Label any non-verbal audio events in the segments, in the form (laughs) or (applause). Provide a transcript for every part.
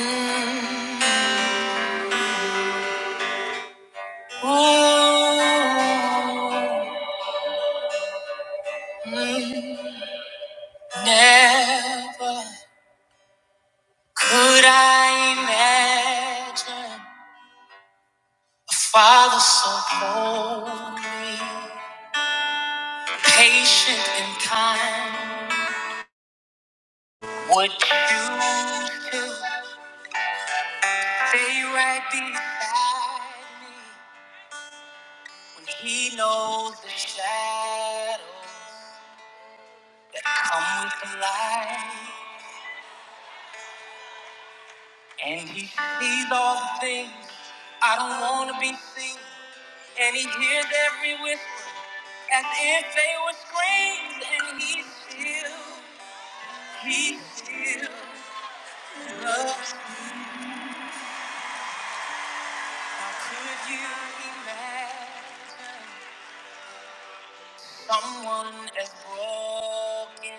Mm, Never could I imagine a father so holy, patient and kind. Would choose to stay right beside me when he knows the shadows come with the light. And he sees all the things I don't want to be seen. And he hears every whisper as if they were screams. And he still, he still loves. me. How could you imagine someone as broken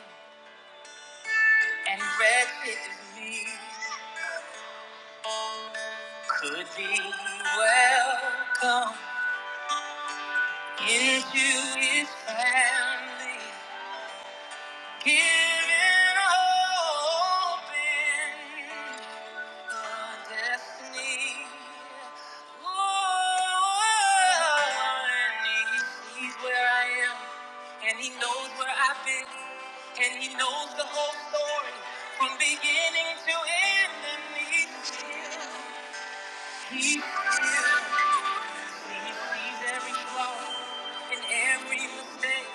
and wretched as me could be welcome into his family? Giving hope in a destiny. Oh, and he sees where I am, and he knows where I've been, and he knows the whole story from beginning to end, and he's here. He's here. He sees every flaw and every mistake,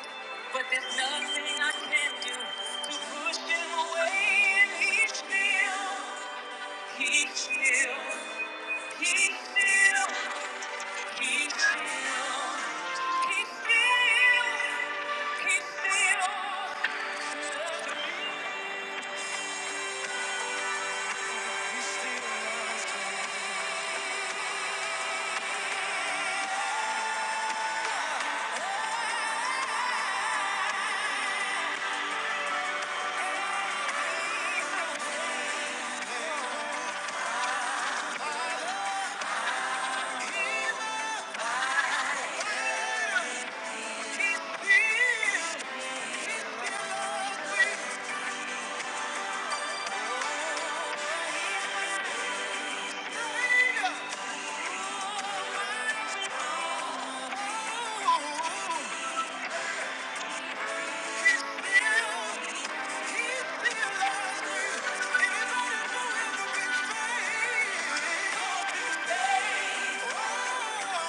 but there's nothing I can do to push him away. And he's still, he's still, he's still, he's still, he's still, he's still. Ooh, still. He's still.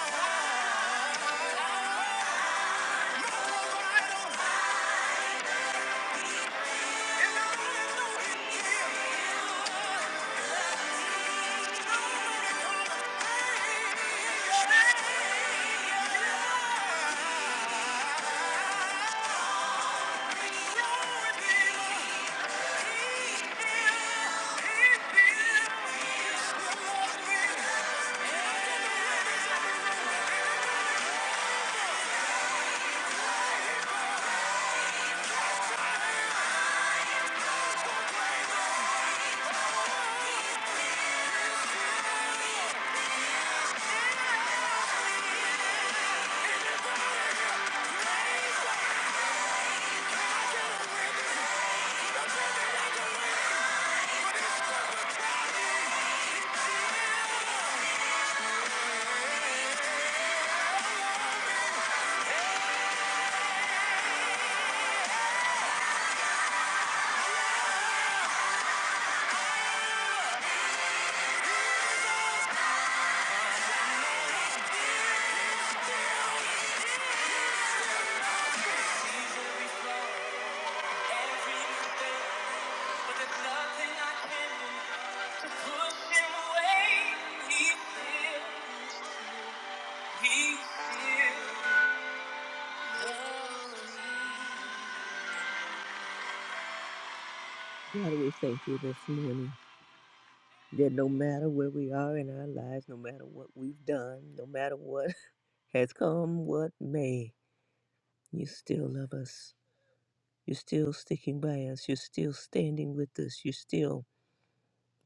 You're still sticking by us. You're still standing with us. You're still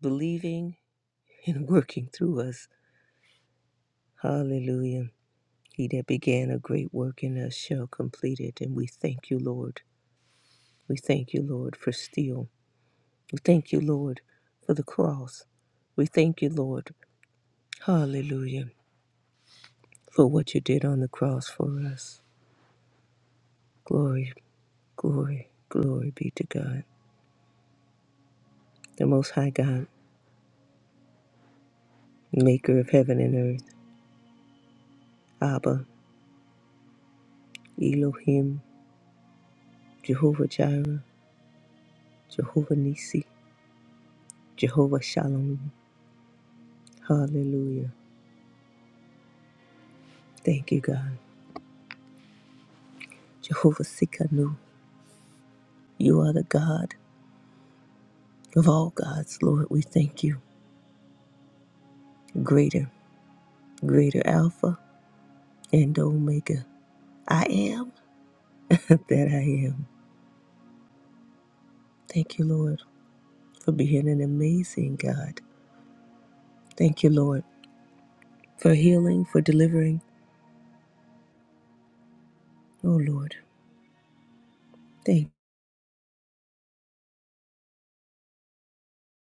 believing and (laughs) working through us. Hallelujah. He that began a great work in us shall complete it. And we thank you, Lord. We thank you, Lord, for steel. We thank you, Lord, for the cross. We thank you, Lord. Hallelujah. For what you did on the cross for us. Glory, glory, glory be to God. The Most High God, maker of heaven and earth. Abba, Elohim, Jehovah Jireh, Jehovah Nisi, Jehovah Shalom. Hallelujah. Thank you, God. Jehovah Sikanu, you are the God of all gods, Lord. We thank you. Greater, greater Alpha and Omega. I am (laughs) that I am. Thank you, Lord, for being an amazing God. Thank you, Lord, for healing, for delivering. Oh, Lord, thank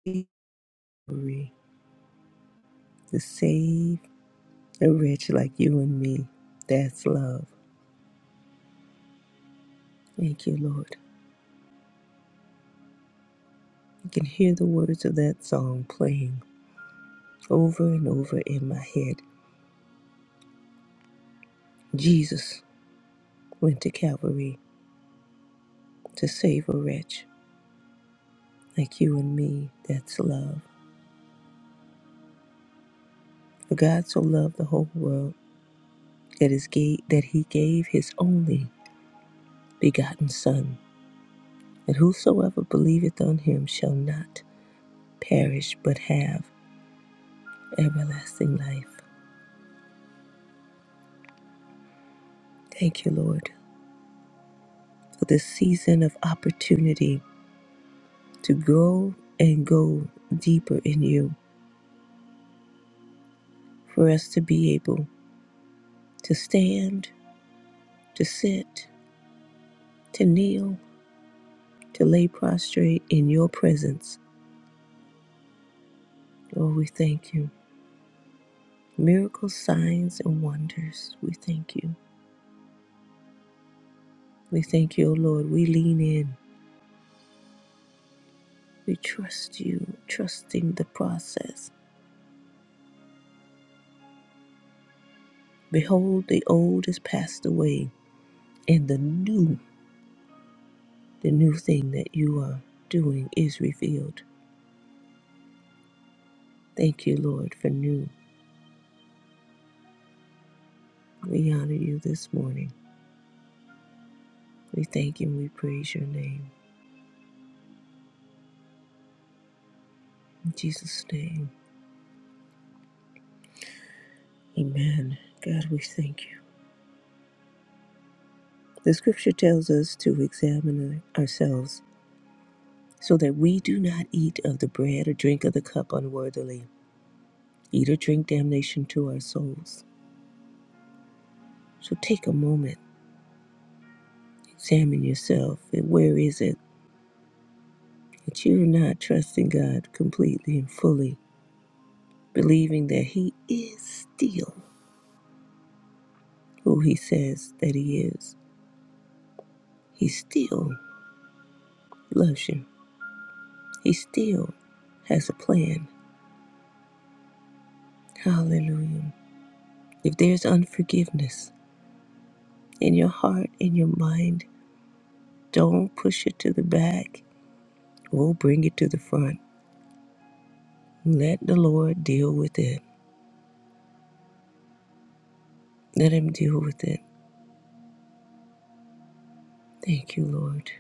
you Marie, to save a wretch like you and me. That's love. Thank you, Lord. You can hear the words of that song playing over and over in my head. Jesus went to Calvary to save a wretch like you and me. That's love. For God so loved the whole world that, his gave, that he gave his only begotten Son, that whosoever believeth on him shall not perish but have everlasting life. Thank you, Lord, for this season of opportunity to grow and go deeper in you, for us to be able to stand to sit, to kneel, to lay prostrate in your presence. Lord, we thank you. Miracles, signs, and wonders, we thank you. We thank you, O Lord. We lean in. We trust you, trusting the process. Behold, the old is passed away, and the new, the new thing that you are doing is revealed. Thank you, Lord, for new. We honor you this morning. We thank you and we praise your name. In Jesus' name. Amen. God, we thank you. The scripture tells us to examine ourselves so that we do not eat of the bread or drink of the cup unworthily, eat or drink damnation to our souls. So take a moment, examine yourself, and where is it that you're not trusting God completely and fully, believing that He is still who He says that He is. He still loves you, He still has a plan. Hallelujah. If there's unforgiveness in your heart, in your mind, don't push it to the back. We'll bring it to the front. Let the Lord deal with it. Let Him deal with it. Thank you, Lord.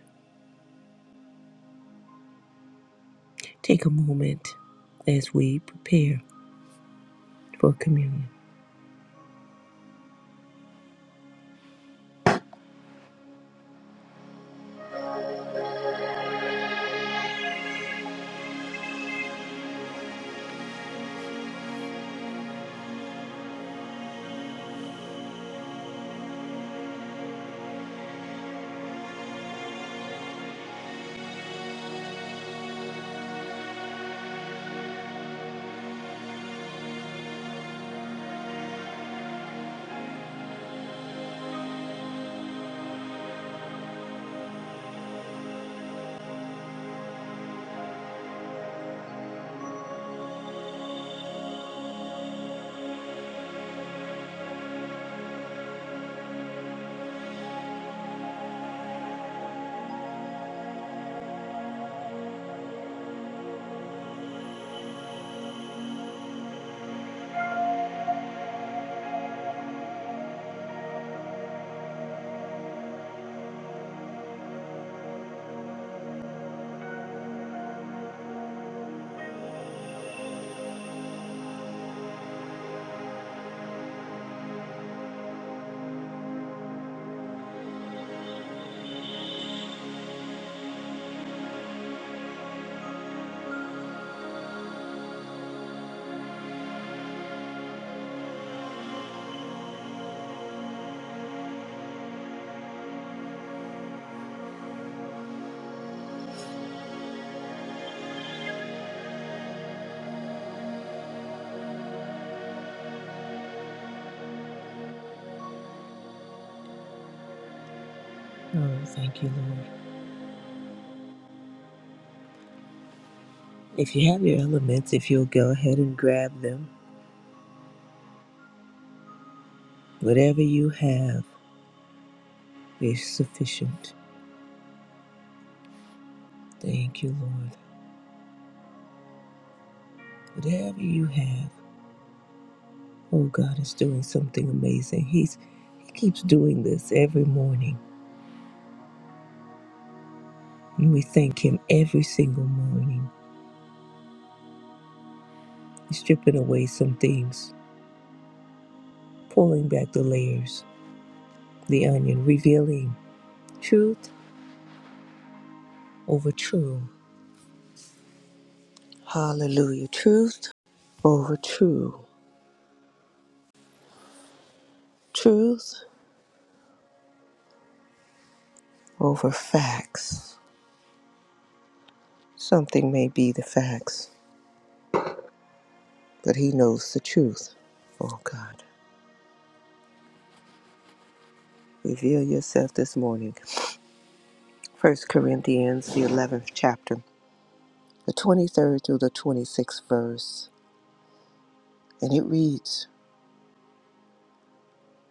Take a moment as we prepare for communion. Oh, thank you, Lord. If you have your elements, if you'll go ahead and grab them, whatever you have is sufficient. Thank you, Lord. Whatever you have. Oh, God is doing something amazing. He's He keeps doing this every morning, and we thank Him every single morning. He's stripping away some things, pulling back the layers, the onion, revealing truth over true. Hallelujah. Truth over true. Truth over facts. Something may be the facts, but He knows the truth. Oh, God. Reveal yourself this morning. First Corinthians, the 11th chapter. the 23rd through the 26th verse. And it reads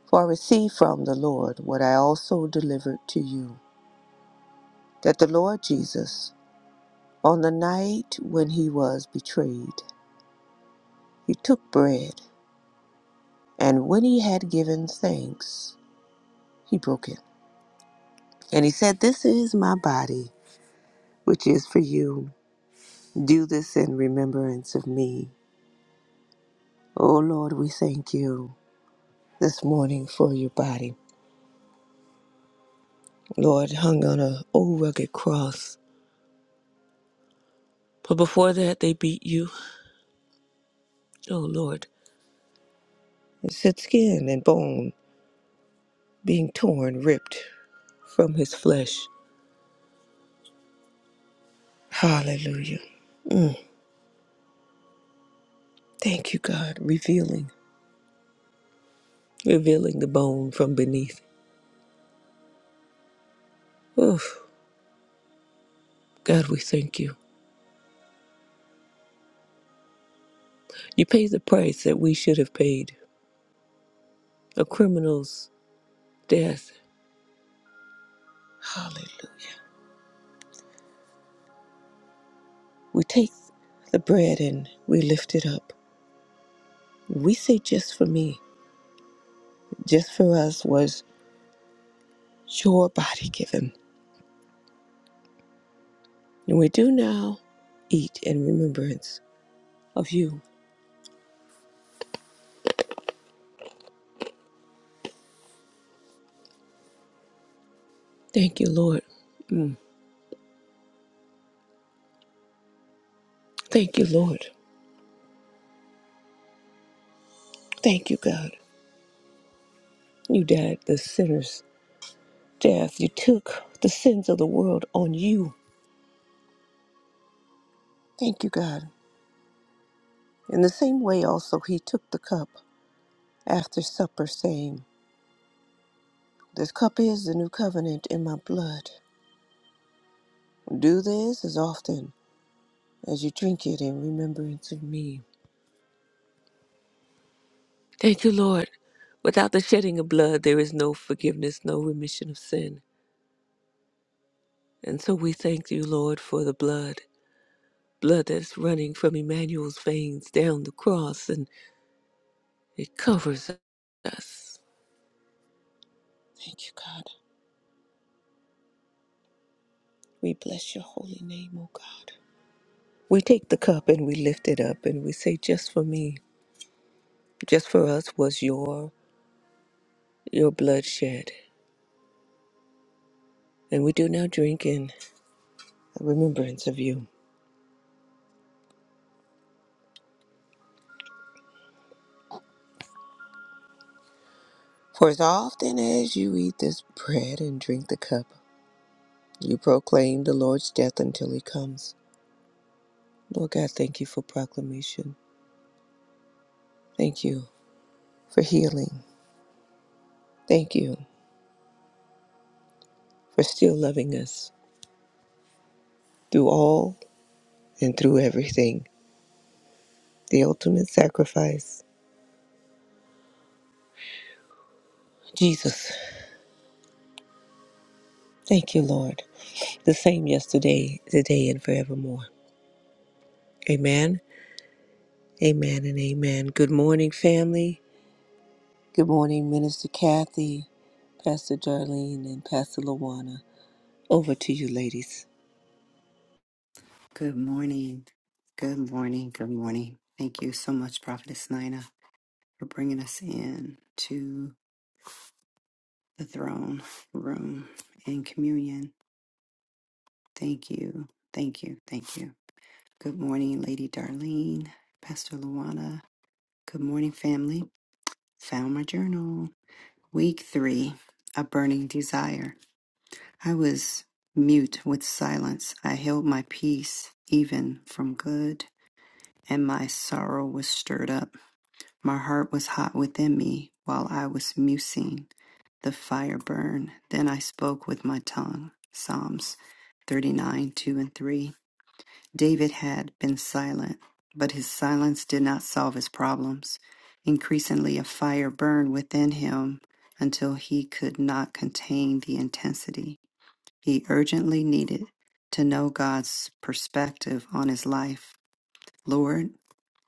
For I received from the Lord what I also delivered to you, that the Lord Jesus, on the night when he was betrayed, he took bread, and when he had given thanks, he broke it. And he said, This is my body, which is for you. Do this in remembrance of me. O Lord, we thank you this morning for your body. Lord, hung on a old rugged cross But before that, they beat you. Oh, Lord. It said skin and bone being torn, ripped from his flesh. Hallelujah. Thank you, God, revealing, revealing the bone from beneath. Oof. God, we thank you. You paid the price that we should have paid a criminal's death. Hallelujah. We take the bread and we lift it up. We say, just for me, just for us was your body given. And we do now eat in remembrance of you. Thank you, Lord. Mm. Thank you, Lord. Thank you, God. You died the sinner's death. You took the sins of the world on you. Thank you, God. In the same way, also, he took the cup after supper, saying, This cup is the new covenant in my blood. Do this as often as you drink it in remembrance of me. Thank you, Lord. Without the shedding of blood, there is no forgiveness, no remission of sin. And so we thank you, Lord, for the blood, blood that's running from Emmanuel's veins down the cross, and it covers us. Thank you, God. We bless your holy name, O God. We take the cup and we lift it up and we say, just for me, just for us was your your blood shed. And we do now drink in remembrance of you. For as often as you eat this bread and drink the cup, you proclaim the Lord's death until he comes. Lord God, thank you for proclamation. Thank you for healing. Thank you for still loving us through all and through everything. The ultimate sacrifice. Jesus, thank you, Lord. The same yesterday, today, and forevermore. Amen, amen, and amen. Good morning, family. Good morning, Minister Kathy, Pastor Darlene, and Pastor Lawana. Over to you, ladies. Good morning. Good morning. Good morning. Thank you so much, Prophetess Nina, for bringing us in to the throne room and communion. Thank you. Thank you. Thank you. Good morning, Lady Darlene, Pastor Luana. Good morning, family. Found my journal. Week three, a burning desire. I was mute with silence. I held my peace even from good, and my sorrow was stirred up. My heart was hot within me while I was musing. The fire burned. Then I spoke with my tongue. Psalms 39, 2 and 3. David had been silent, but his silence did not solve his problems. Increasingly, a fire burned within him until he could not contain the intensity. He urgently needed to know God's perspective on his life. Lord,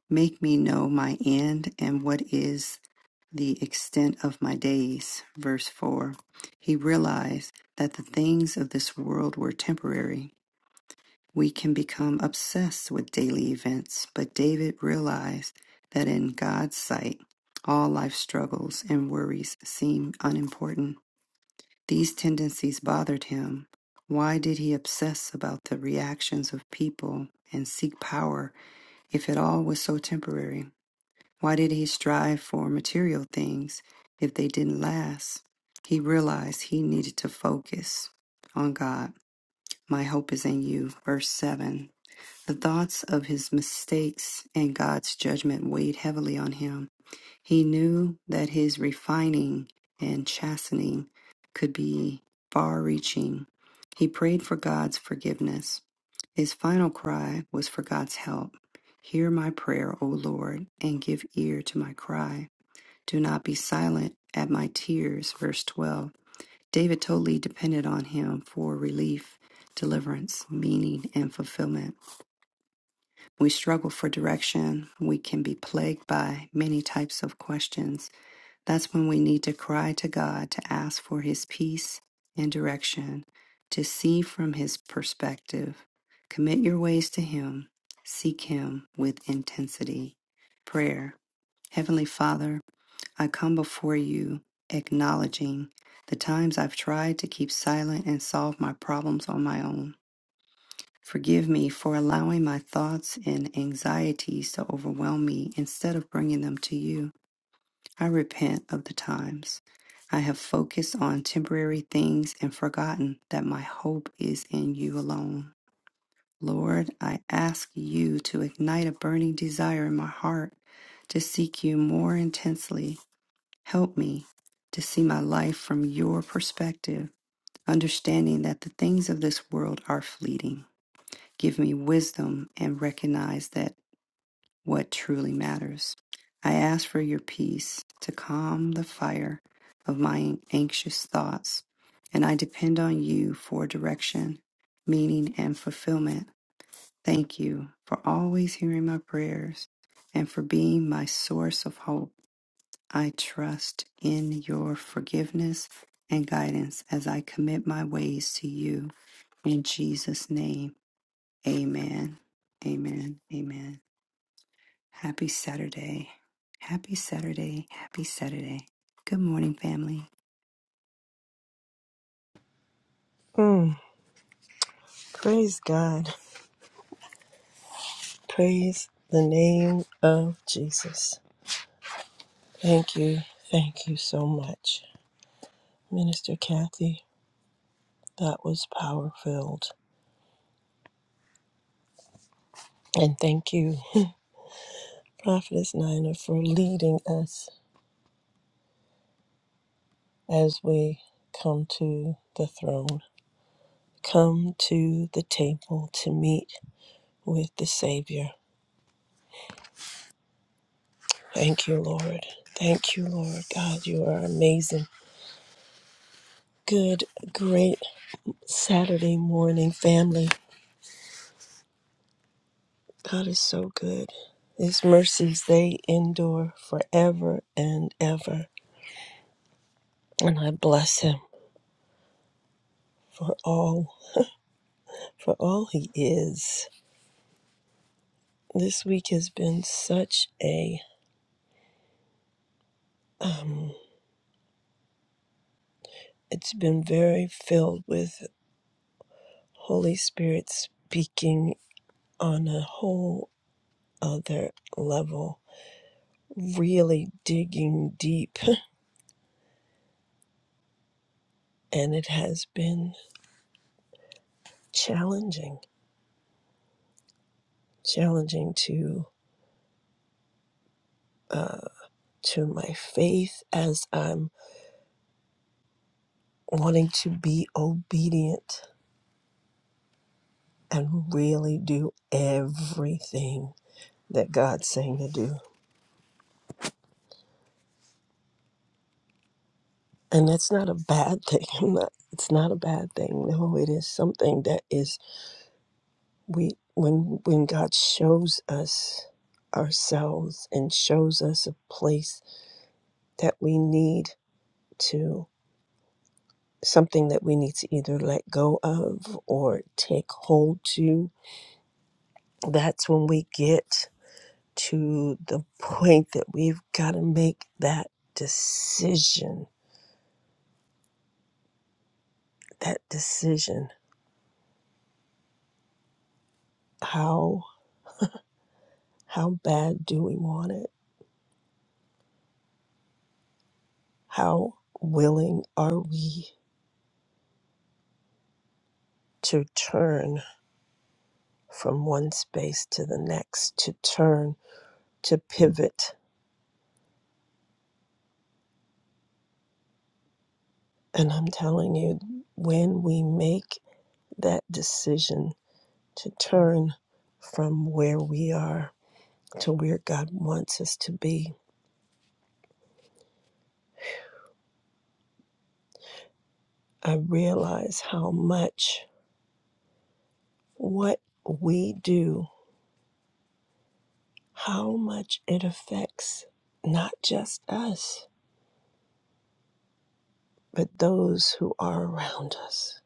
Make me know my end and what is the extent of my days. Verse 4. He realized that the things of this world were temporary. We can become obsessed with daily events, but David realized that in God's sight, all life struggles and worries seem unimportant. These tendencies bothered him. Why did he obsess about the reactions of people and seek power if it all was so temporary? Why did he strive for material things if they didn't last? He realized he needed to focus on God. My hope is in you. Verse 7 the thoughts of his mistakes and God's judgment weighed heavily on him. He knew that his refining and chastening could be far reaching. He prayed for God's forgiveness. His final cry was for God's help. Hear my prayer, O Lord, and give ear to my cry. Do not be silent at my tears. Verse 12. David totally depended on him for relief, deliverance, meaning, and fulfillment. We struggle for direction. We can be plagued by many types of questions. That's when we need to cry to God to ask for His peace and direction, to see from His perspective. Commit your ways to Him. Seek Him with intensity. Prayer. Heavenly Father, I come before you acknowledging the times I've tried to keep silent and solve my problems on my own. Forgive me for allowing my thoughts and anxieties to overwhelm me instead of bringing them to you. I repent of the times I have focused on temporary things and forgotten that my hope is in you alone. Lord, I ask you to ignite a burning desire in my heart to seek you more intensely. Help me to see my life from your perspective, understanding that the things of this world are fleeting Give me wisdom and recognize that what truly matters. I ask for your peace to calm the fire of my anxious thoughts, and I depend on you for direction, meaning, and fulfillment. Thank you for always hearing my prayers and for being my source of hope. I trust in your forgiveness and guidance as I commit my ways to you. In Jesus' name. Amen. Amen. Amen. Happy Saturday. Happy Saturday. Happy Saturday. Good morning, family. Mm, praise God. Praise the name of Jesus. Thank you. Thank you so much, Minister Kathy. That was power filled. And thank you, Prophetess Nina, for leading us as we come to the throne, come to the table to meet with the Savior. Thank you, Lord. Thank you, Lord God. You are amazing. Good, great Saturday morning, family. God is so good. His mercies, they endure forever and ever. And I bless him for all, for all he is. This week has been such a, um, it's been very filled with Holy Spirit speaking on a whole other level, really digging deep. (laughs) And it has been challenging, challenging to, uh, to my faith as I'm wanting to be obedient and really do everything that God's saying to do. And that's not a bad thing. (laughs) I'm not, it's not a bad thing. No, it is something that is we when when God shows us ourselves and shows us a place that we need to something that we need to either let go of or take hold to. That's when we get to the point that we've got to make that decision that decision how how bad do we want it how willing are we to turn from one space to the next to turn to pivot and i'm telling you when we make that decision to turn from where we are to where god wants us to be i realize how much what we do, how much it affects not just us, but those who are around us.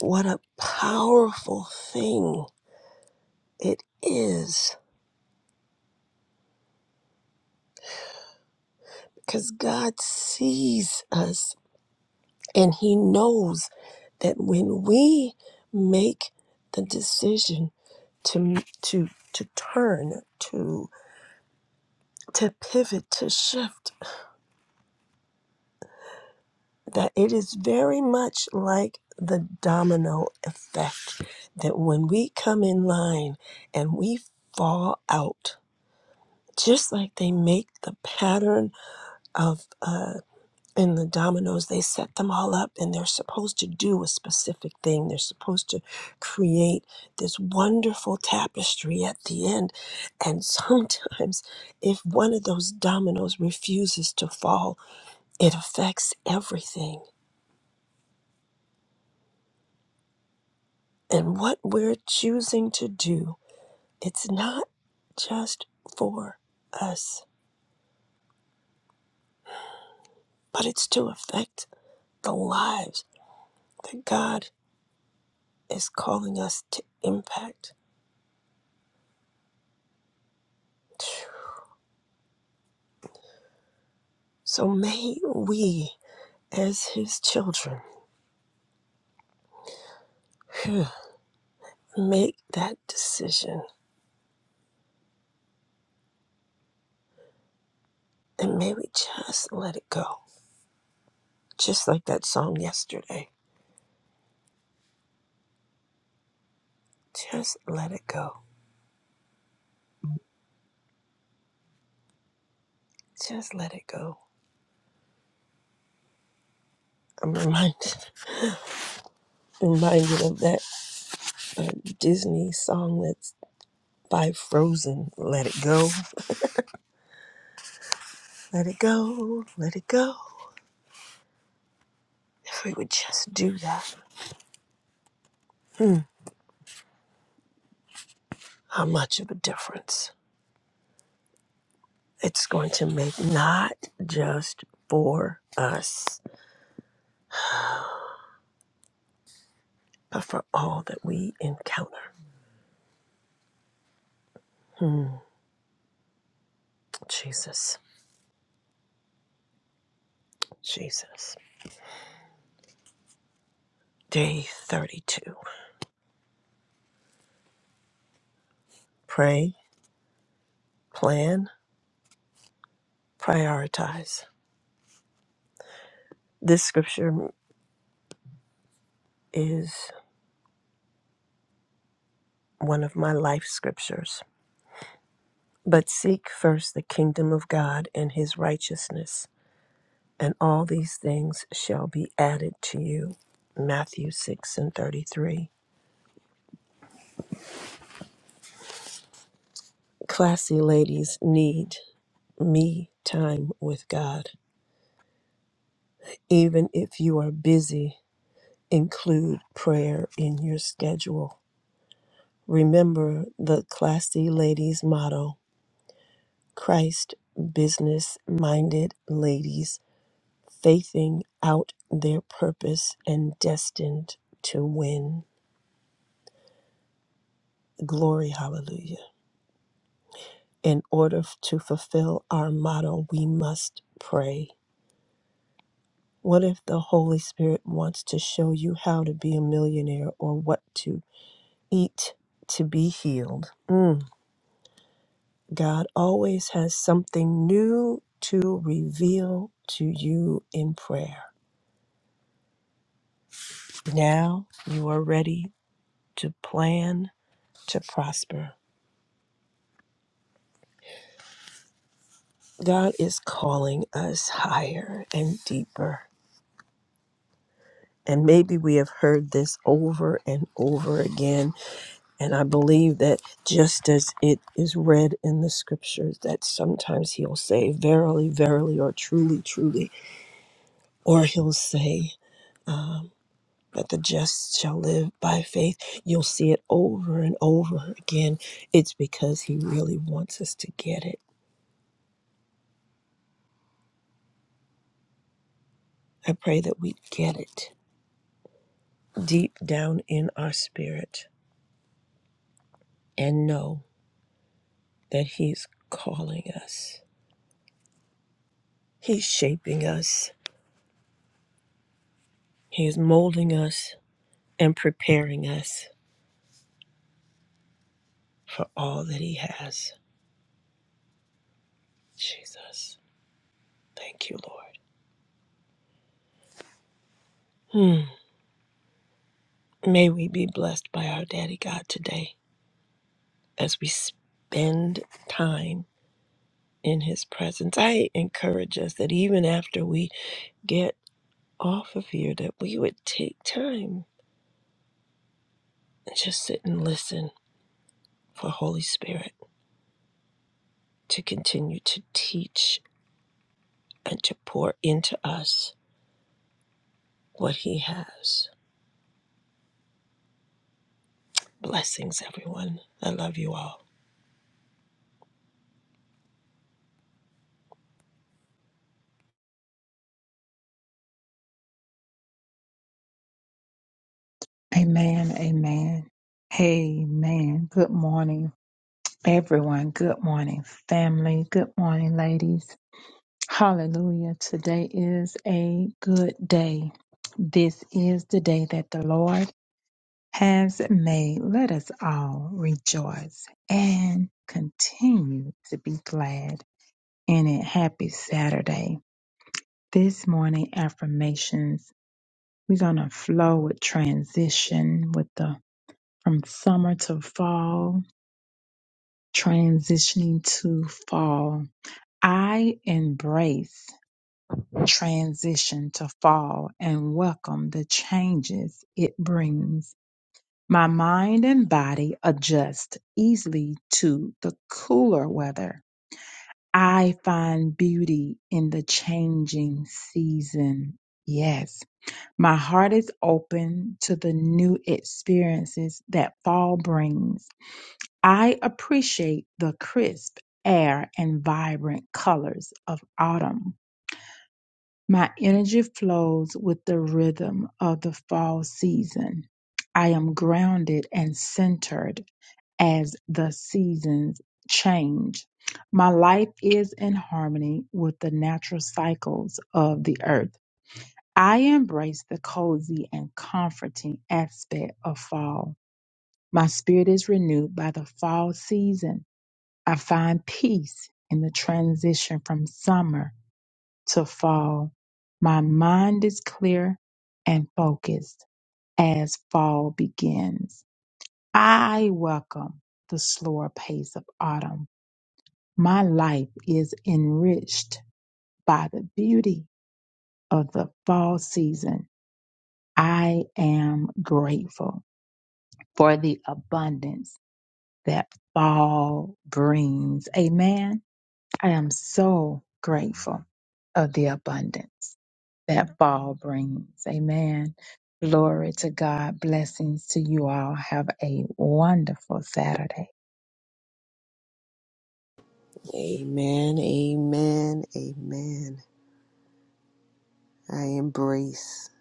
What a powerful thing it is because God sees us and He knows that when we make the decision to, to, to turn, to, to pivot, to shift, that it is very much like the domino effect that when we come in line and we fall out, just like they make the pattern of uh, in the dominoes, they set them all up and they're supposed to do a specific thing. They're supposed to create this wonderful tapestry at the end. And sometimes, if one of those dominoes refuses to fall, it affects everything and what we're choosing to do, it's not just for us, but it's to affect the lives that God is calling us to impact. So may we, as His children, (sighs) phew, make that decision and may we just let it go. Just like that song yesterday. Just let it go. Just let it go. I'm reminded (laughs) reminded of that uh, Disney song that's. by Frozen. Let it go, let it go, let it go. If we would just do that, how much of a difference it's going to make, not just for us, but for all that we encounter. Jesus, Jesus. Day 32. Pray, plan, prioritize. This scripture is one of my life scriptures. But seek first the kingdom of God and his righteousness and all these things shall be added to you. Matthew 6 and 33. Classy ladies need me time with God. Even if you are busy, include prayer in your schedule. Remember the classy ladies motto Christ business minded ladies, faithing out their purpose and destined to win. Glory, hallelujah. In order f- to fulfill our motto, we must pray. What if the Holy Spirit wants to show you how to be a millionaire or what to eat to be healed? Mm. God always has something new to reveal to you in prayer. Now you are ready to plan to prosper. God is calling us higher and deeper. And maybe we have heard this over and over again And I believe that just as it is read in the scriptures, that sometimes he'll say, Verily, verily, or truly, truly, or he'll say, um, that the just shall live by faith. You'll see it over and over again. It's because he really wants us to get it. I pray that we get it deep down in our spirit and know that he's calling us, he's shaping us, he's molding us, and preparing us for all that He has. Jesus, thank you, Lord. Hmm. May we be blessed by our Daddy God today as we spend time in His presence. I encourage us that even after we get off of here, that we would take time and just sit and listen for Holy Spirit to continue to teach and to pour into us what He has. Blessings, everyone. I love you all. Amen. Amen. Amen. Good morning, everyone. Good morning, family. Good morning, ladies. Hallelujah. Today is a good day. This is the day that the Lord has made. Let us all rejoice and continue to be glad in it. Happy Saturday. This morning affirmations. We're going to flow with transition with the from summer to fall transitioning to fall. I embrace transition to fall and welcome the changes it brings. My mind and body adjust easily to the cooler weather. I find beauty in the changing season. Yes, my heart is open to the new experiences that fall brings. I appreciate the crisp air and vibrant colors of autumn. My energy flows with the rhythm of the fall season. I am grounded and centered as the seasons change. My life is in harmony with the natural cycles of the earth. I embrace the cozy and comforting aspect of fall. My spirit is renewed by the fall season I find peace in the transition from summer to fall. My mind is clear and focused as fall begins. I welcome the slower pace of autumn. My life is enriched by the beauty of the fall season. I am grateful for the abundance that fall brings. Amen. I am so grateful of the abundance that fall brings. Amen. Glory to God. Blessings to you all. Have a wonderful Saturday. Amen, amen, amen. I embrace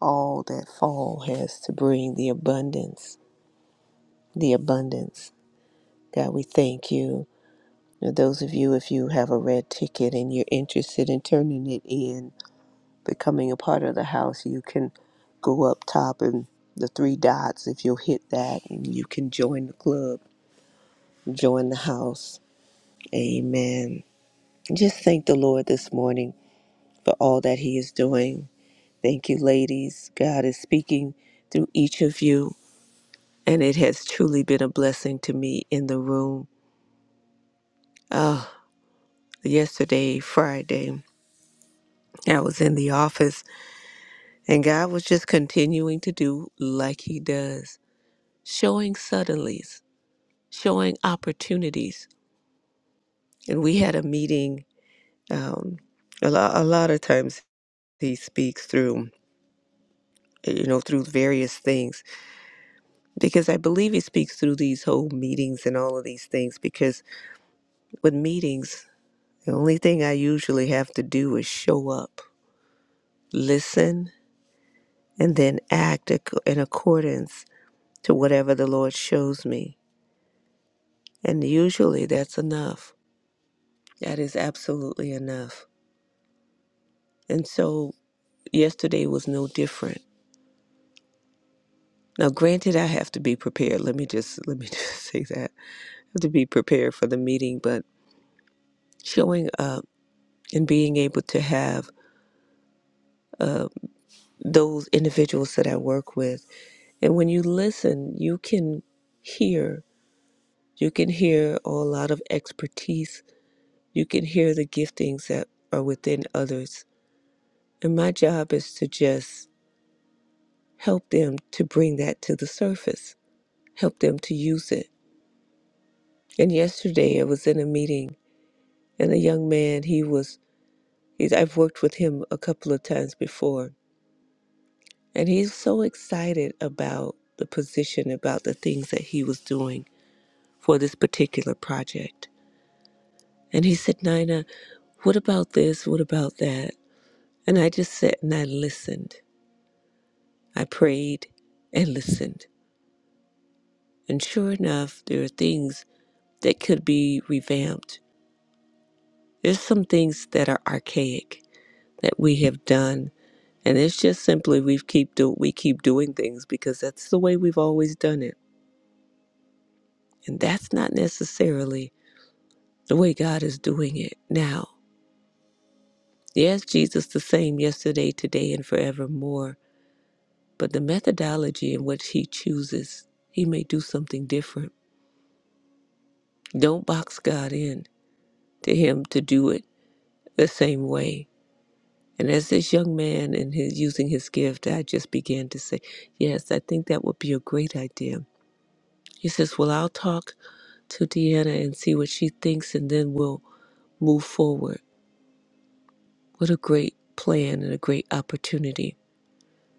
all that fall has to bring the abundance, the abundance. God, we thank you. Now, those of you, if you have a red ticket and you're interested in turning it in, becoming a part of the house, you can go up top and the three dots. If you'll hit that, and you can join the club, join the house. Amen. Just thank the Lord this morning for all that He is doing. Thank you, ladies. God is speaking through each of you and it has truly been a blessing to me in the room. Oh, yesterday, Friday, I was in the office, and God was just continuing to do like He does, showing suddenlies, showing opportunities. And we had a meeting. Um, a, lo- a lot of times He speaks through, you know, through various things, because I believe He speaks through these whole meetings and all of these things. Because with meetings, the only thing I usually have to do is show up listen, and then act ac- in accordance to whatever the Lord shows me. And usually that's enough. That is absolutely enough. And so yesterday was no different. Now, granted, I have to be prepared. Let me just let me (laughs) just say that I have to be prepared for the meeting. But showing up and being able to have those individuals that I work with and when you listen, you can hear. You can hear a lot of expertise You can hear the giftings that are within others. And my job is to just help them to bring that to the surface, help them to use it. And yesterday I was in a meeting and a young man, he was, he's, I've worked with him a couple of times before, and he's so excited about the position, about the things that he was doing for this particular project. And he said, Nina, what about this? What about that? And I just sat and I listened. I prayed and listened. And sure enough, there are things that could be revamped. There's some things that are archaic that we have done. And it's just simply we keep do we keep doing things because that's the way we've always done it. And that's not necessarily the way God is doing it now. Yes, Jesus the same yesterday, today, and forevermore. But the methodology in which he chooses, he may do something different. Don't box God in to him to do it the same way. And as this young man and his using his gift, I just began to say, Yes, I think that would be a great idea. He says, Well, I'll talk to Deanna and see what she thinks, and then we'll move forward. What a great plan and a great opportunity.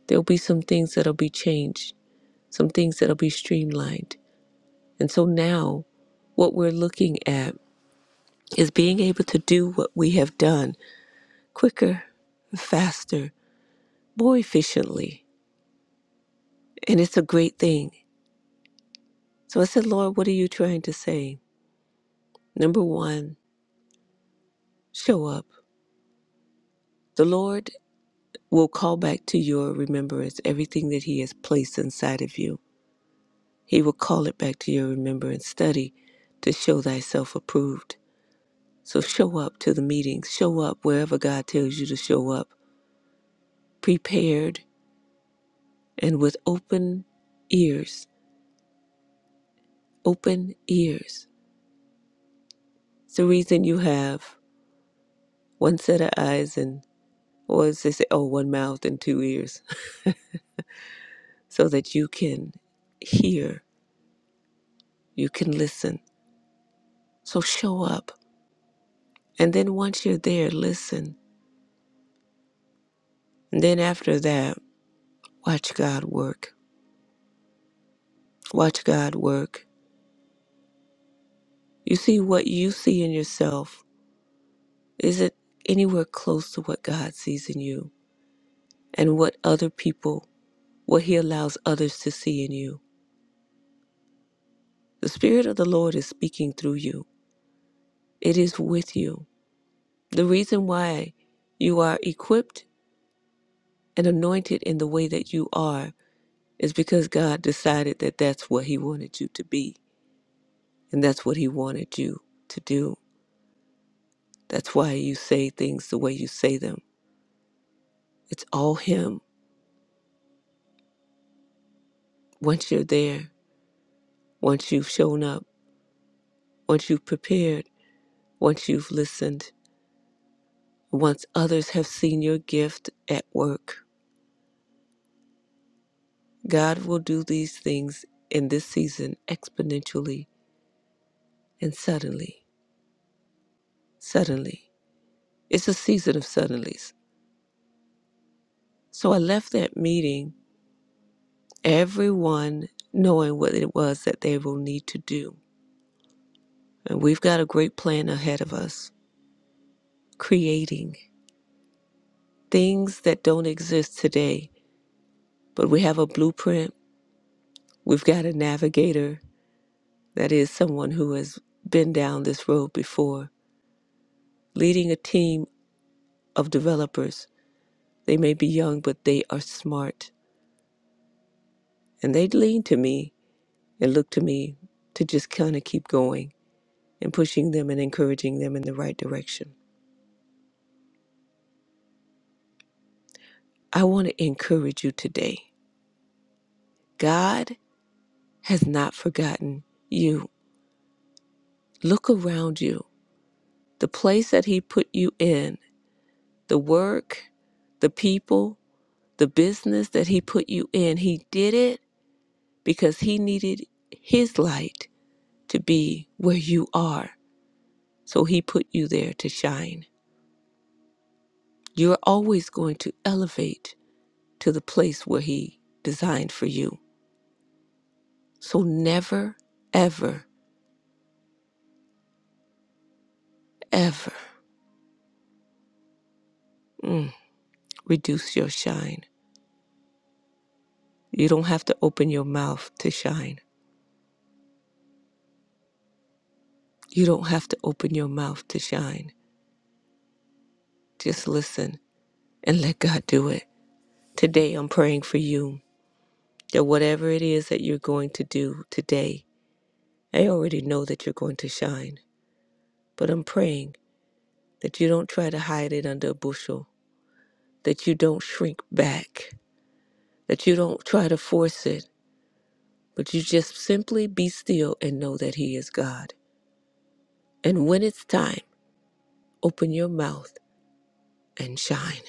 There'll be some things that'll be changed, some things that'll be streamlined. And so now, what we're looking at is being able to do what we have done quicker, faster, more efficiently And it's a great thing. So I said, Lord, what are you trying to say? Number one, show up. The Lord will call back to your remembrance everything that He has placed inside of you. He will call it back to your remembrance. Study to show thyself approved. So show up to the meetings, show up wherever God tells you to show up, prepared and with open ears. Open ears. It's the reason you have one set of eyes and Or as they say, oh, one mouth and two ears, (laughs) so that you can hear, you can listen. So show up. And then once you're there, listen. And then after that, watch God work. Watch God work. You see what you see in yourself. Is it anywhere close to what God sees in you and what other people, what He allows others to see in you? The Spirit of the Lord is speaking through you, it is with you. The reason why you are equipped and anointed in the way that you are is because God decided that that's what He wanted you to be and that's what He wanted you to do. That's why you say things the way you say them. It's all Him. Once you're there, once you've shown up, once you've prepared, once you've listened, once others have seen your gift at work, God will do these things in this season exponentially and suddenly. Suddenly. It's a season of suddenlies So I left that meeting, everyone knowing what it was that they will need to do. And we've got a great plan ahead of us, creating things that don't exist today, but we have a blueprint. We've got a navigator, that is someone who has been down this road before, leading a team of developers. They may be young, but they are smart. And they lean to me and look to me to just kind of keep going and pushing them and encouraging them in the right direction. I want to encourage you today. God has not forgotten you. Look around you. The place that He put you in, the work, the people, the business that He put you in, He did it because He needed His light to be where you are. So He put you there to shine. You're always going to elevate to the place where He designed for you. So never, ever, ever. mm, reduce your shine. You don't have to open your mouth to shine. You don't have to open your mouth to shine. Just listen and let God do it. Today, I'm praying for you that whatever it is that you're going to do today, I already know that you're going to shine. But I'm praying that you don't try to hide it under a bushel, that you don't shrink back, that you don't try to force it, but you just simply be still and know that He is God. And when it's time, open your mouth and shine.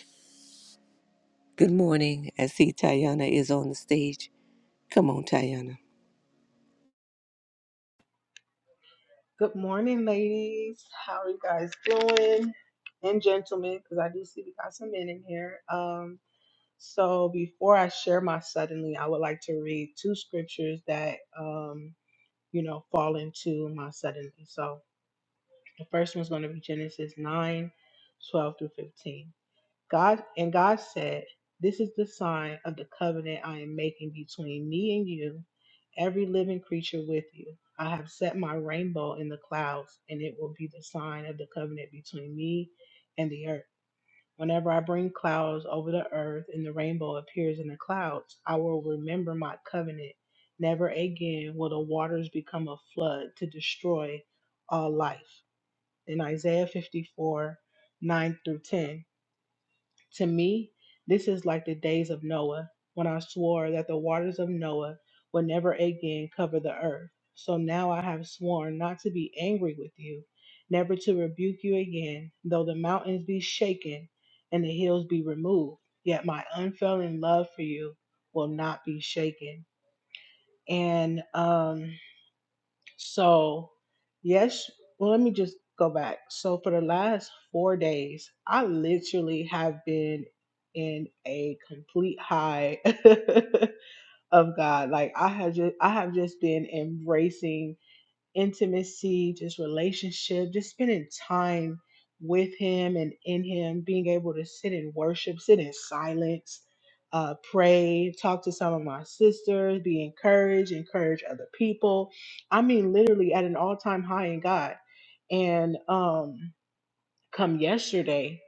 Good morning. I see Tayana is on the stage. Come on, Tayana. Good morning, ladies. How are you guys doing? And gentlemen, because I do see we got some men in here. Um, so before I share my suddenly, I would like to read two scriptures that um, you know, fall into my suddenly. So the first one's going to be Genesis nine, twelve 12 through 15. God and God said, This is the sign of the covenant I am making between me and you, every living creature with you. I have set my rainbow in the clouds, and it will be the sign of the covenant between me and the earth. Whenever I bring clouds over the earth and the rainbow appears in the clouds, I will remember my covenant. Never again will the waters become a flood to destroy all life. In Isaiah 54 9 through 10. To me, this is like the days of Noah, when I swore that the waters of Noah would never again cover the earth. So now I have sworn not to be angry with you, never to rebuke you again, though the mountains be shaken and the hills be removed. Yet my unfailing love for you will not be shaken. And um, so, yes, well, let me just go back. So, for the last four days, I literally have been in a complete high (laughs) of God. Like I have just, I have just been embracing intimacy, just relationship, just spending time with Him and in Him, being able to sit in worship, sit in silence, uh, pray, talk to some of my sisters, be encouraged, encourage other people. I mean, literally at an all time high in God. And um, come yesterday,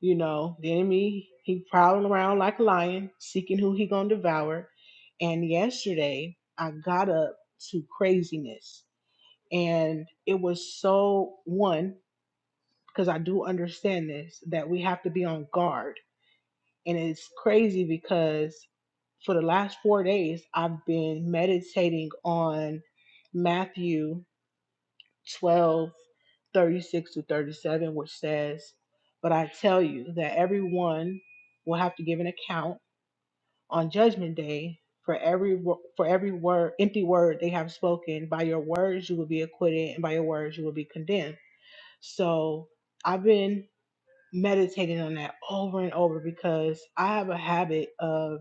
you know, the enemy, he prowling around like a lion, seeking who he gonna devour. And yesterday, I got up to craziness and it was so one, because I do understand this, that we have to be on guard. And it's crazy because for the last four days, I've been meditating on Matthew 12 36 to 37, which says, But I tell you that everyone will have to give an account on judgment day for every wo- for every word empty word they have spoken by your words you will be acquitted and by your words you will be condemned So I've been meditating on that over and over because I have a habit of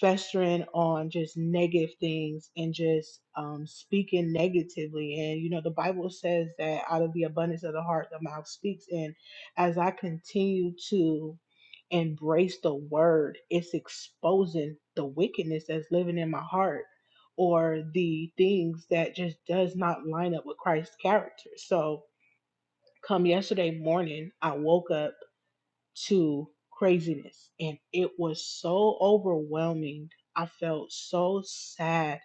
festering on just negative things and just um, speaking negatively. And, you know, the Bible says that out of the abundance of the heart, the mouth speaks. And as I continue to embrace the word, it's exposing the wickedness that's living in my heart or the things that just does not line up with Christ's character. So, Come yesterday morning, I woke up to craziness and it was so overwhelming. I felt so sad.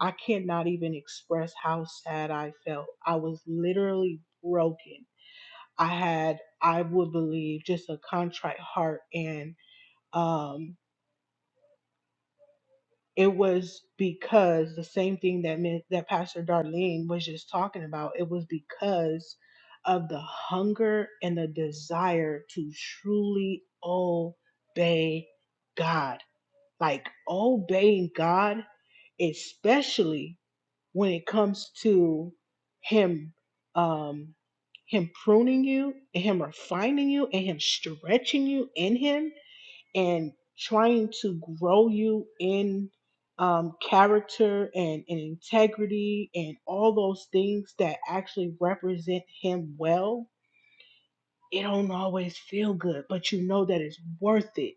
I cannot even express how sad I felt. I was literally broken. I had, I would believe, just a contrite heart and um it was because the same thing that meant that Pastor Darlene was just talking about, it was because of the hunger and the desire to truly obey God. Like obeying God, especially when it comes to Him um him pruning you and him refining you and him stretching you in him and trying to grow you in um, character and, and integrity and all those things that actually represent him well, it don't always feel good, but you know that it's worth it.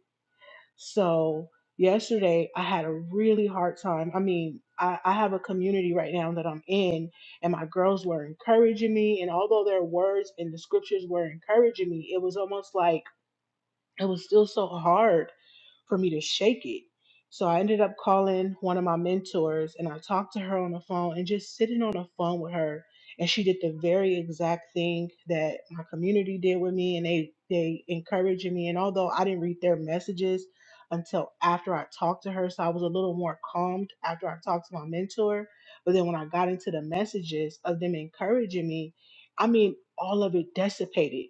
So yesterday I had a really hard time. I mean, I, I have a community right now that I'm in and my girls were encouraging me and although their words and the scriptures were encouraging me, it was almost like it was still so hard for me to shake it. So I ended up calling one of my mentors and I talked to her on the phone and just sitting on the phone with her. And she did the very exact thing that my community did with me and they they encouraged me. And although I didn't read their messages until after I talked to her, so I was a little more calmed after I talked to my mentor. But then when I got into the messages of them encouraging me, I mean all of it dissipated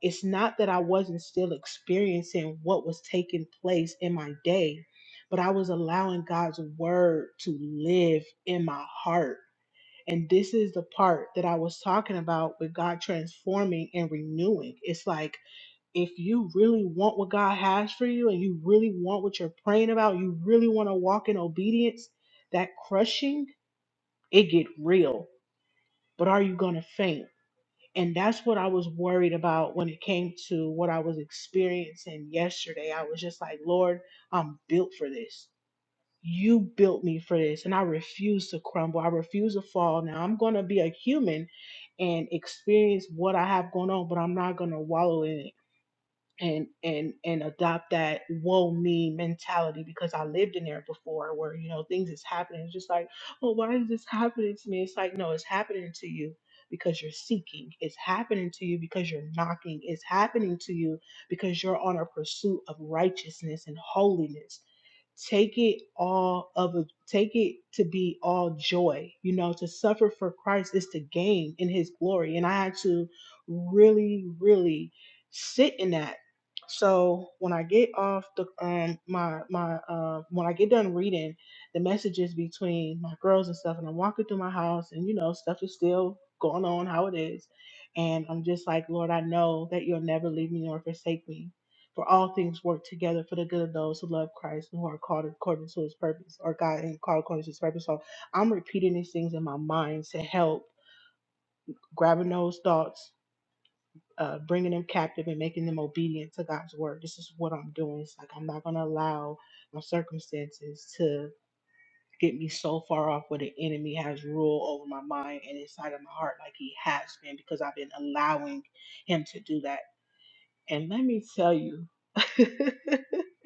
it's not that I wasn't still experiencing what was taking place in my day, but I was allowing God's word to live in my heart. And this is the part that I was talking about with God transforming and renewing. It's like if you really want what God has for you and you really want what you're praying about, you really want to walk in obedience, that crushing, it get real. But are you going to faint? And that's what I was worried about when it came to what I was experiencing yesterday. I was just like, Lord, I'm built for this. You built me for this. And I refuse to crumble. I refuse to fall. Now I'm going to be a human and experience what I have going on, but I'm not going to wallow in it and and and adopt that woe me mentality because I lived in there before where you know things is happening. It's just like, well, why is this happening to me? It's like, no, it's happening to you because you're seeking. It's happening to you because you're knocking. It's happening to you because you're on a pursuit of righteousness and holiness. Take it all of a take it to be all joy. You know, to suffer for Christ is to gain in his glory. And I had to really, really sit in that so when I get off the um my my uh, when I get done reading the messages between my girls and stuff, and I'm walking through my house, and you know stuff is still going on how it is, and I'm just like Lord, I know that you'll never leave me nor forsake me. For all things work together for the good of those who love Christ and who are called according to His purpose, or God and called according to His purpose. So I'm repeating these things in my mind to help grabbing those thoughts uh, bringing them captive and making them obedient to God's word. This is what I'm doing. It's like I'm not going to allow my circumstances to get me so far off where the enemy has rule over my mind and inside of my heart like he has been because I've been allowing him to do that. And let me tell you, (laughs)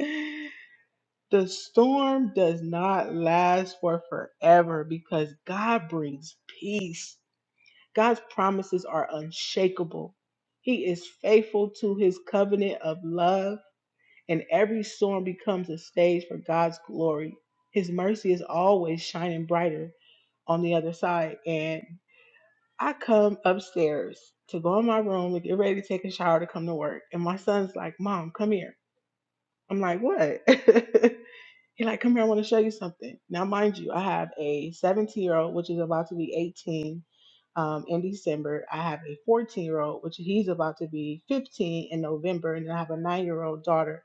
the storm does not last for forever because God brings peace God's promises are unshakable. He is faithful to his covenant of love, and every storm becomes a stage for God's glory. His mercy is always shining brighter on the other side. And I come upstairs to go in my room to get ready to take a shower to come to work. And my son's like, Mom, come here. I'm like, What? (laughs) He like, come here, I want to show you something. Now, mind you, I have a 17 year old, which is about to be 18 um, in December. I have a 14 year old, which he's about to be 15 in November. And then I have a nine year old daughter.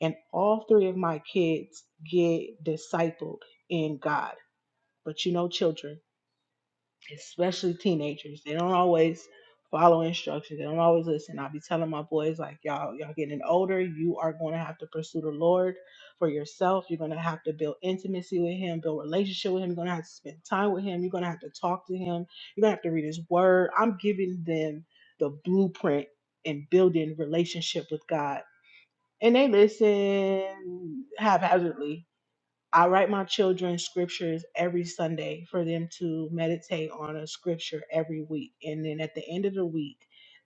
And all three of my kids get discipled in God. But you know, children especially teenagers. They don't always follow instructions. They don't always listen. I'll be telling my boys like y'all, y'all getting older, you are going to have to pursue the Lord for yourself. You're going to have to build intimacy with him, build relationship with him. You're going to have to spend time with him. You're going to have to talk to him. You're going to have to read his word. I'm giving them the blueprint and building relationship with God. And they listen haphazardly I write my children scriptures every Sunday for them to meditate on a scripture every week. And then at the end of the week,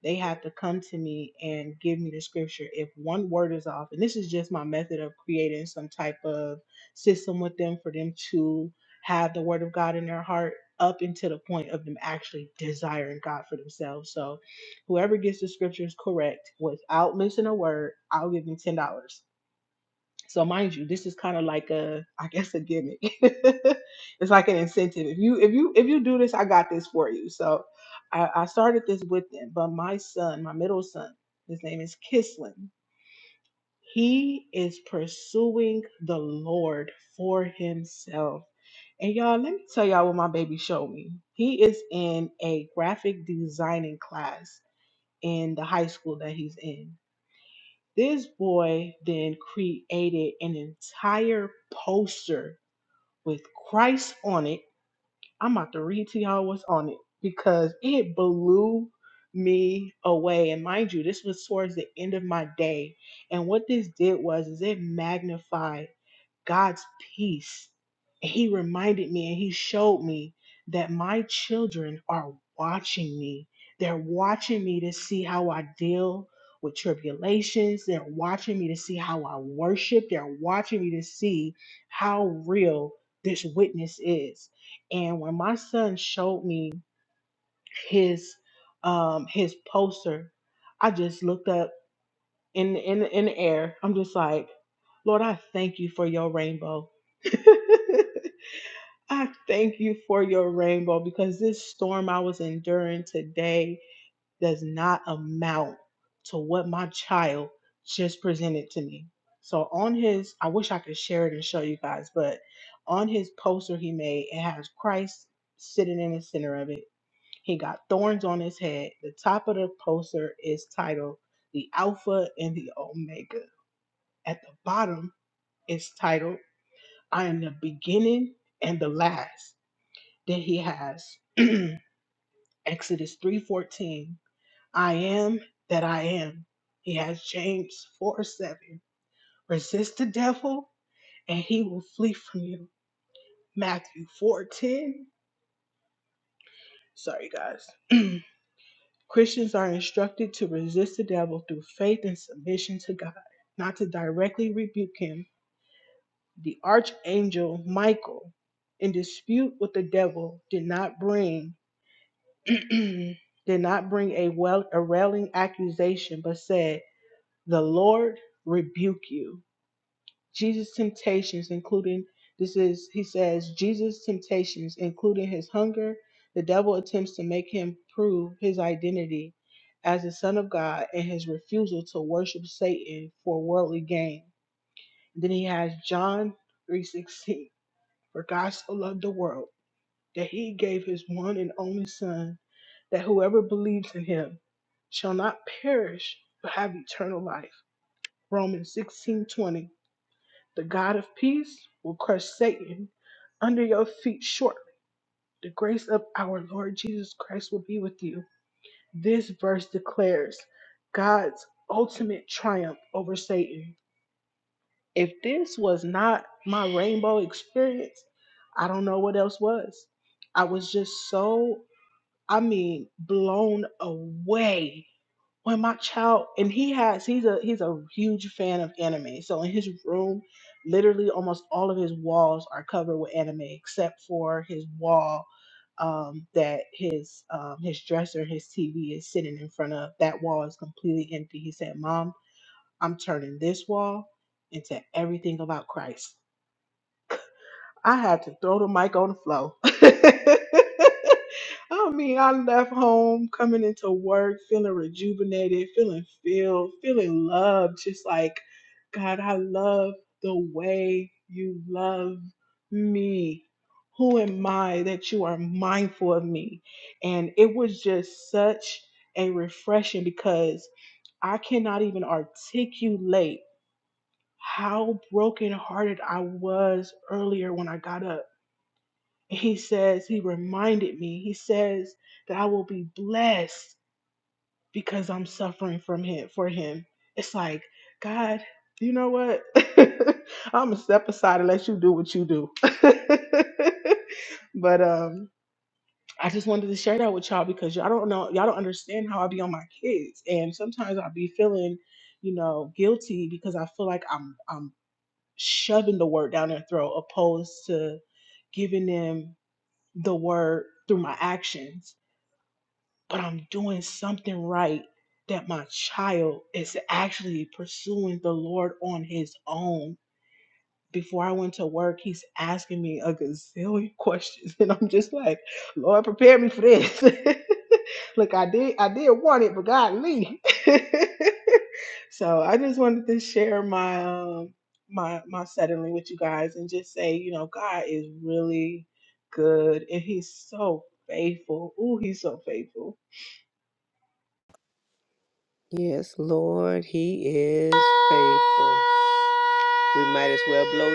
they have to come to me and give me the scripture. If one word is off, and this is just my method of creating some type of system with them for them to have the word of God in their heart up until the point of them actually desiring God for themselves. So whoever gets the scriptures correct without missing a word, I'll give them $10 So mind you, this is kind of like a, I guess a gimmick. (laughs) it's like an incentive. If you if you if you do this, I got this for you. So I, I started this with them, but my son, my middle son, his name is Kislin. He is pursuing the Lord for himself. And y'all, let me tell y'all what my baby showed me. He is in a graphic designing class in the high school that he's in. This boy then created an entire poster with Christ on it. I'm about to read to y'all what's on it because it blew me away. And mind you, this was towards the end of my day. And what this did was is it magnified God's peace. he reminded me and he showed me that my children are watching me. They're watching me to see how I deal with tribulations. They're watching me to see how I worship. They're watching me to see how real this witness is. And when my son showed me his um his poster, I just looked up in in in the air. I'm just like, Lord, I thank you for your rainbow. (laughs) I thank you for your rainbow because this storm I was enduring today does not amount to what my child just presented to me. So on his, I wish I could share it and show you guys, but on his poster he made, it has Christ sitting in the center of it. He got thorns on his head. The top of the poster is titled "The Alpha and the Omega." At the bottom, is titled, I am the beginning and the last. Then he has (clears throat) Exodus 3:14, I am that I am. He has James four seven, Resist the devil and he will flee from you. Matthew 4:10. Sorry guys. (clears throat) Christians are instructed to resist the devil through faith and submission to God, not to directly rebuke him The archangel Michael, in dispute with the devil, did not bring (clears throat) did not bring a well a railing accusation, but said, "The Lord rebuke you." Jesus' temptations, including this is he says Jesus' temptations, including his hunger. The devil attempts to make him prove his identity as the Son of God and his refusal to worship Satan for worldly gain. Then he has John 3:16. For God so loved the world that he gave his one and only Son, that whoever believes in him shall not perish but have eternal life. Romans sixteen twenty. The God of peace will crush Satan under your feet shortly. The grace of our Lord Jesus Christ will be with you. This verse declares God's ultimate triumph over Satan. If this was not my rainbow experience, I don't know what else was. I was just so, I mean, blown away when my child and he has he's a he's a huge fan of anime so in his room literally almost all of his walls are covered with anime except for his wall um, that his um, his dresser his tv is sitting in front of that wall is completely empty he said mom I'm turning this wall into everything about Christ. I had to throw the mic on the floor. (laughs) I mean, I left home coming into work feeling rejuvenated, feeling filled, feeling loved, just like, God, I love the way you love me. Who am I that you are mindful of me? And it was just such a refreshing because I cannot even articulate how brokenhearted I was earlier when I got up. he says, He reminded me, he says that I will be blessed because I'm suffering from him for him. It's like, God, you know what? (laughs) I'm gonna step aside and let you do what you do. (laughs) but um I just wanted to share that with y'all because y'all don't know, y'all don't understand how I be on my kids. And sometimes I be feeling, you know, guilty because I feel like I'm I'm shoving the word down their throat opposed to giving them the word through my actions, but I'm doing something right that my child is actually pursuing the Lord on his own before I went to work, he's asking me a gazillion questions, (laughs) and I'm just like, Lord, prepare me for this. (laughs) Look, I did, I did want it, but God, Lee. (laughs) so I just wanted to share my um, my my suddenly with you guys, and just say, you know, God is really good, and He's so faithful. Ooh, He's so faithful Yes, Lord, He is faithful. We might as well blow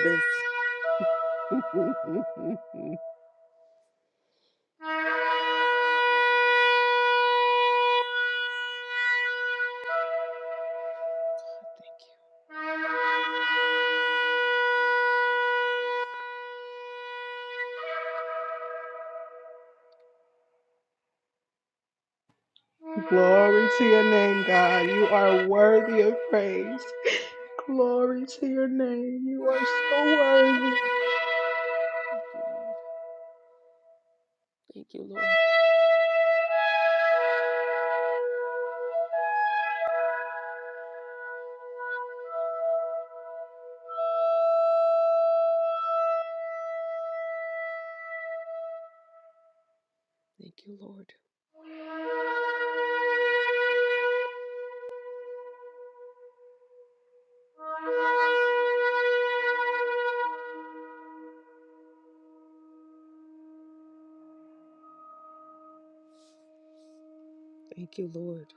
this. Glory to your name, God. You are worthy of praise. (laughs) Glory to your name. You are so worthy. Thank you, Lord. Thank you, Lord.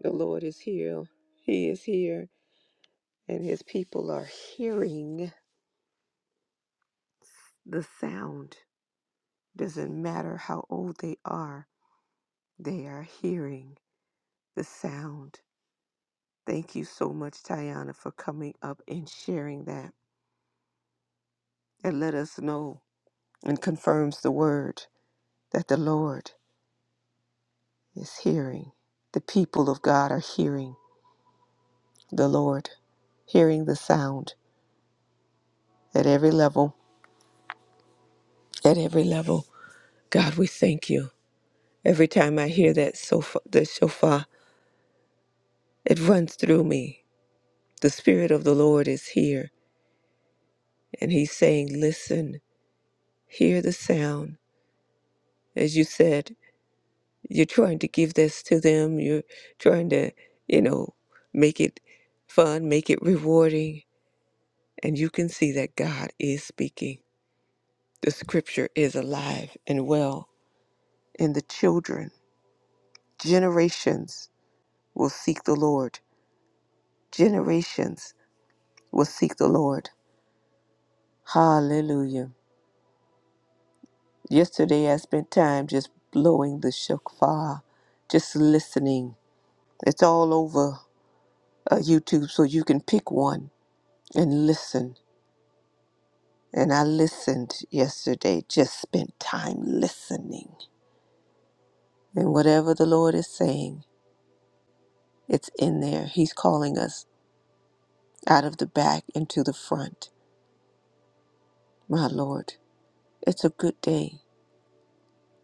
The Lord is here. He is here, and his people are hearing the sound. Doesn't matter how old they are, they are hearing the sound. Thank you so much, Tiana, for coming up and sharing that. And let us know and confirms the word that the Lord is hearing. The people of God are hearing. the Lord, hearing the sound at every level, at every level. God, we thank you. Every time I hear that sofa, the shofar, it runs through me. The Spirit of the Lord is here, and He's saying, Listen, hear the sound. As you said, you're trying to give this to them, you're trying to, you know, make it fun, make it rewarding, and you can see that God is speaking. The scripture is alive and well in the children Generations will seek the Lord. Generations will seek the Lord. Hallelujah. Yesterday I spent time just blowing the shofar, just listening. It's all over uh, YouTube, so you can pick one and listen. And I listened yesterday, just spent time listening. And whatever the Lord is saying, it's in there. He's calling us out of the back into the front. My Lord, it's a good day.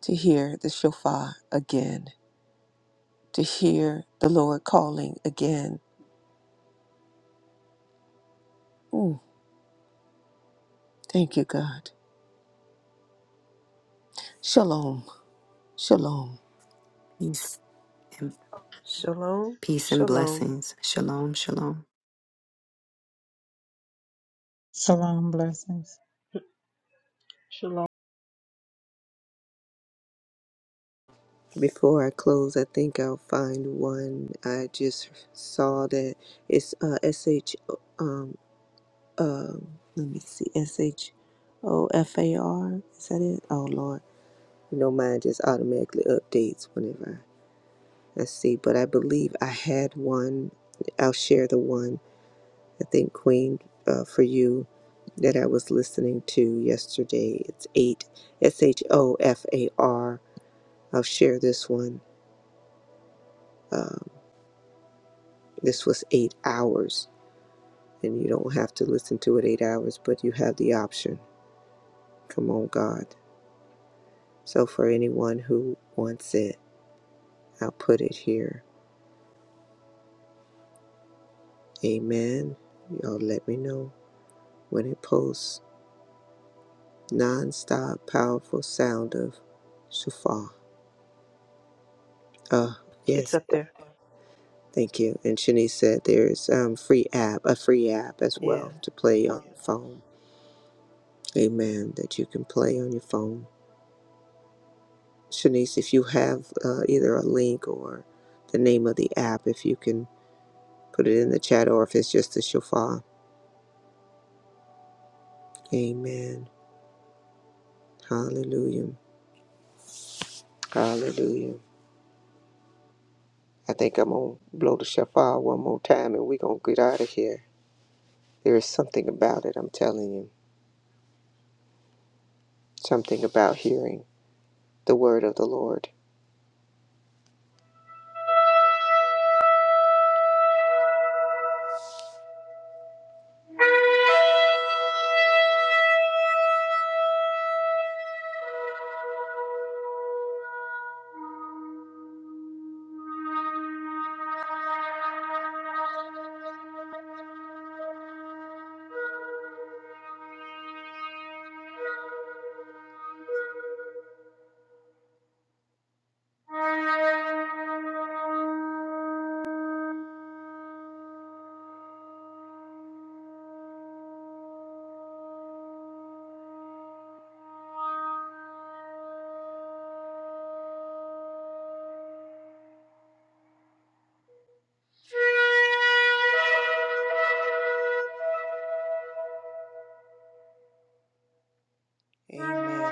to hear the shofar again, to hear the Lord calling again. Mm, thank you, God. Shalom. Shalom. Peace and Shalom, peace and shalom. blessings. Shalom. Shalom. Shalom. Blessings. Shalom. Before I close, I think I'll find one. I just saw that it's uh, SH, um, um let me see, S H O F A R. is that it? Oh Lord, you know mine just automatically updates whenever I I see. But I believe I had one. I'll share the one I think, Queen, uh, for you that I was listening to yesterday. It's 8 S H O F A R. I'll share this one. Um, this was eight hours, and you don't have to listen to it eight hours, but you have the option. Come on, God. So, for anyone who wants it, I'll put it here. Amen. Y'all let me know when it posts. Non stop, powerful sound of shofar. Uh, It's yes. up there. Thank you. And Shanice said there's um, free app, a free app as Yeah. well to play on your phone. Amen. That you can play on your phone. Shanice, if you have uh, either a link or the name of the app, if you can put it in the chat or if it's just the shofar. Amen. Hallelujah. Hallelujah. I think I'm going to blow the shofar one more time and we're going to get out of here. There is something about it, I'm telling you. Something about hearing the word of the Lord Amen.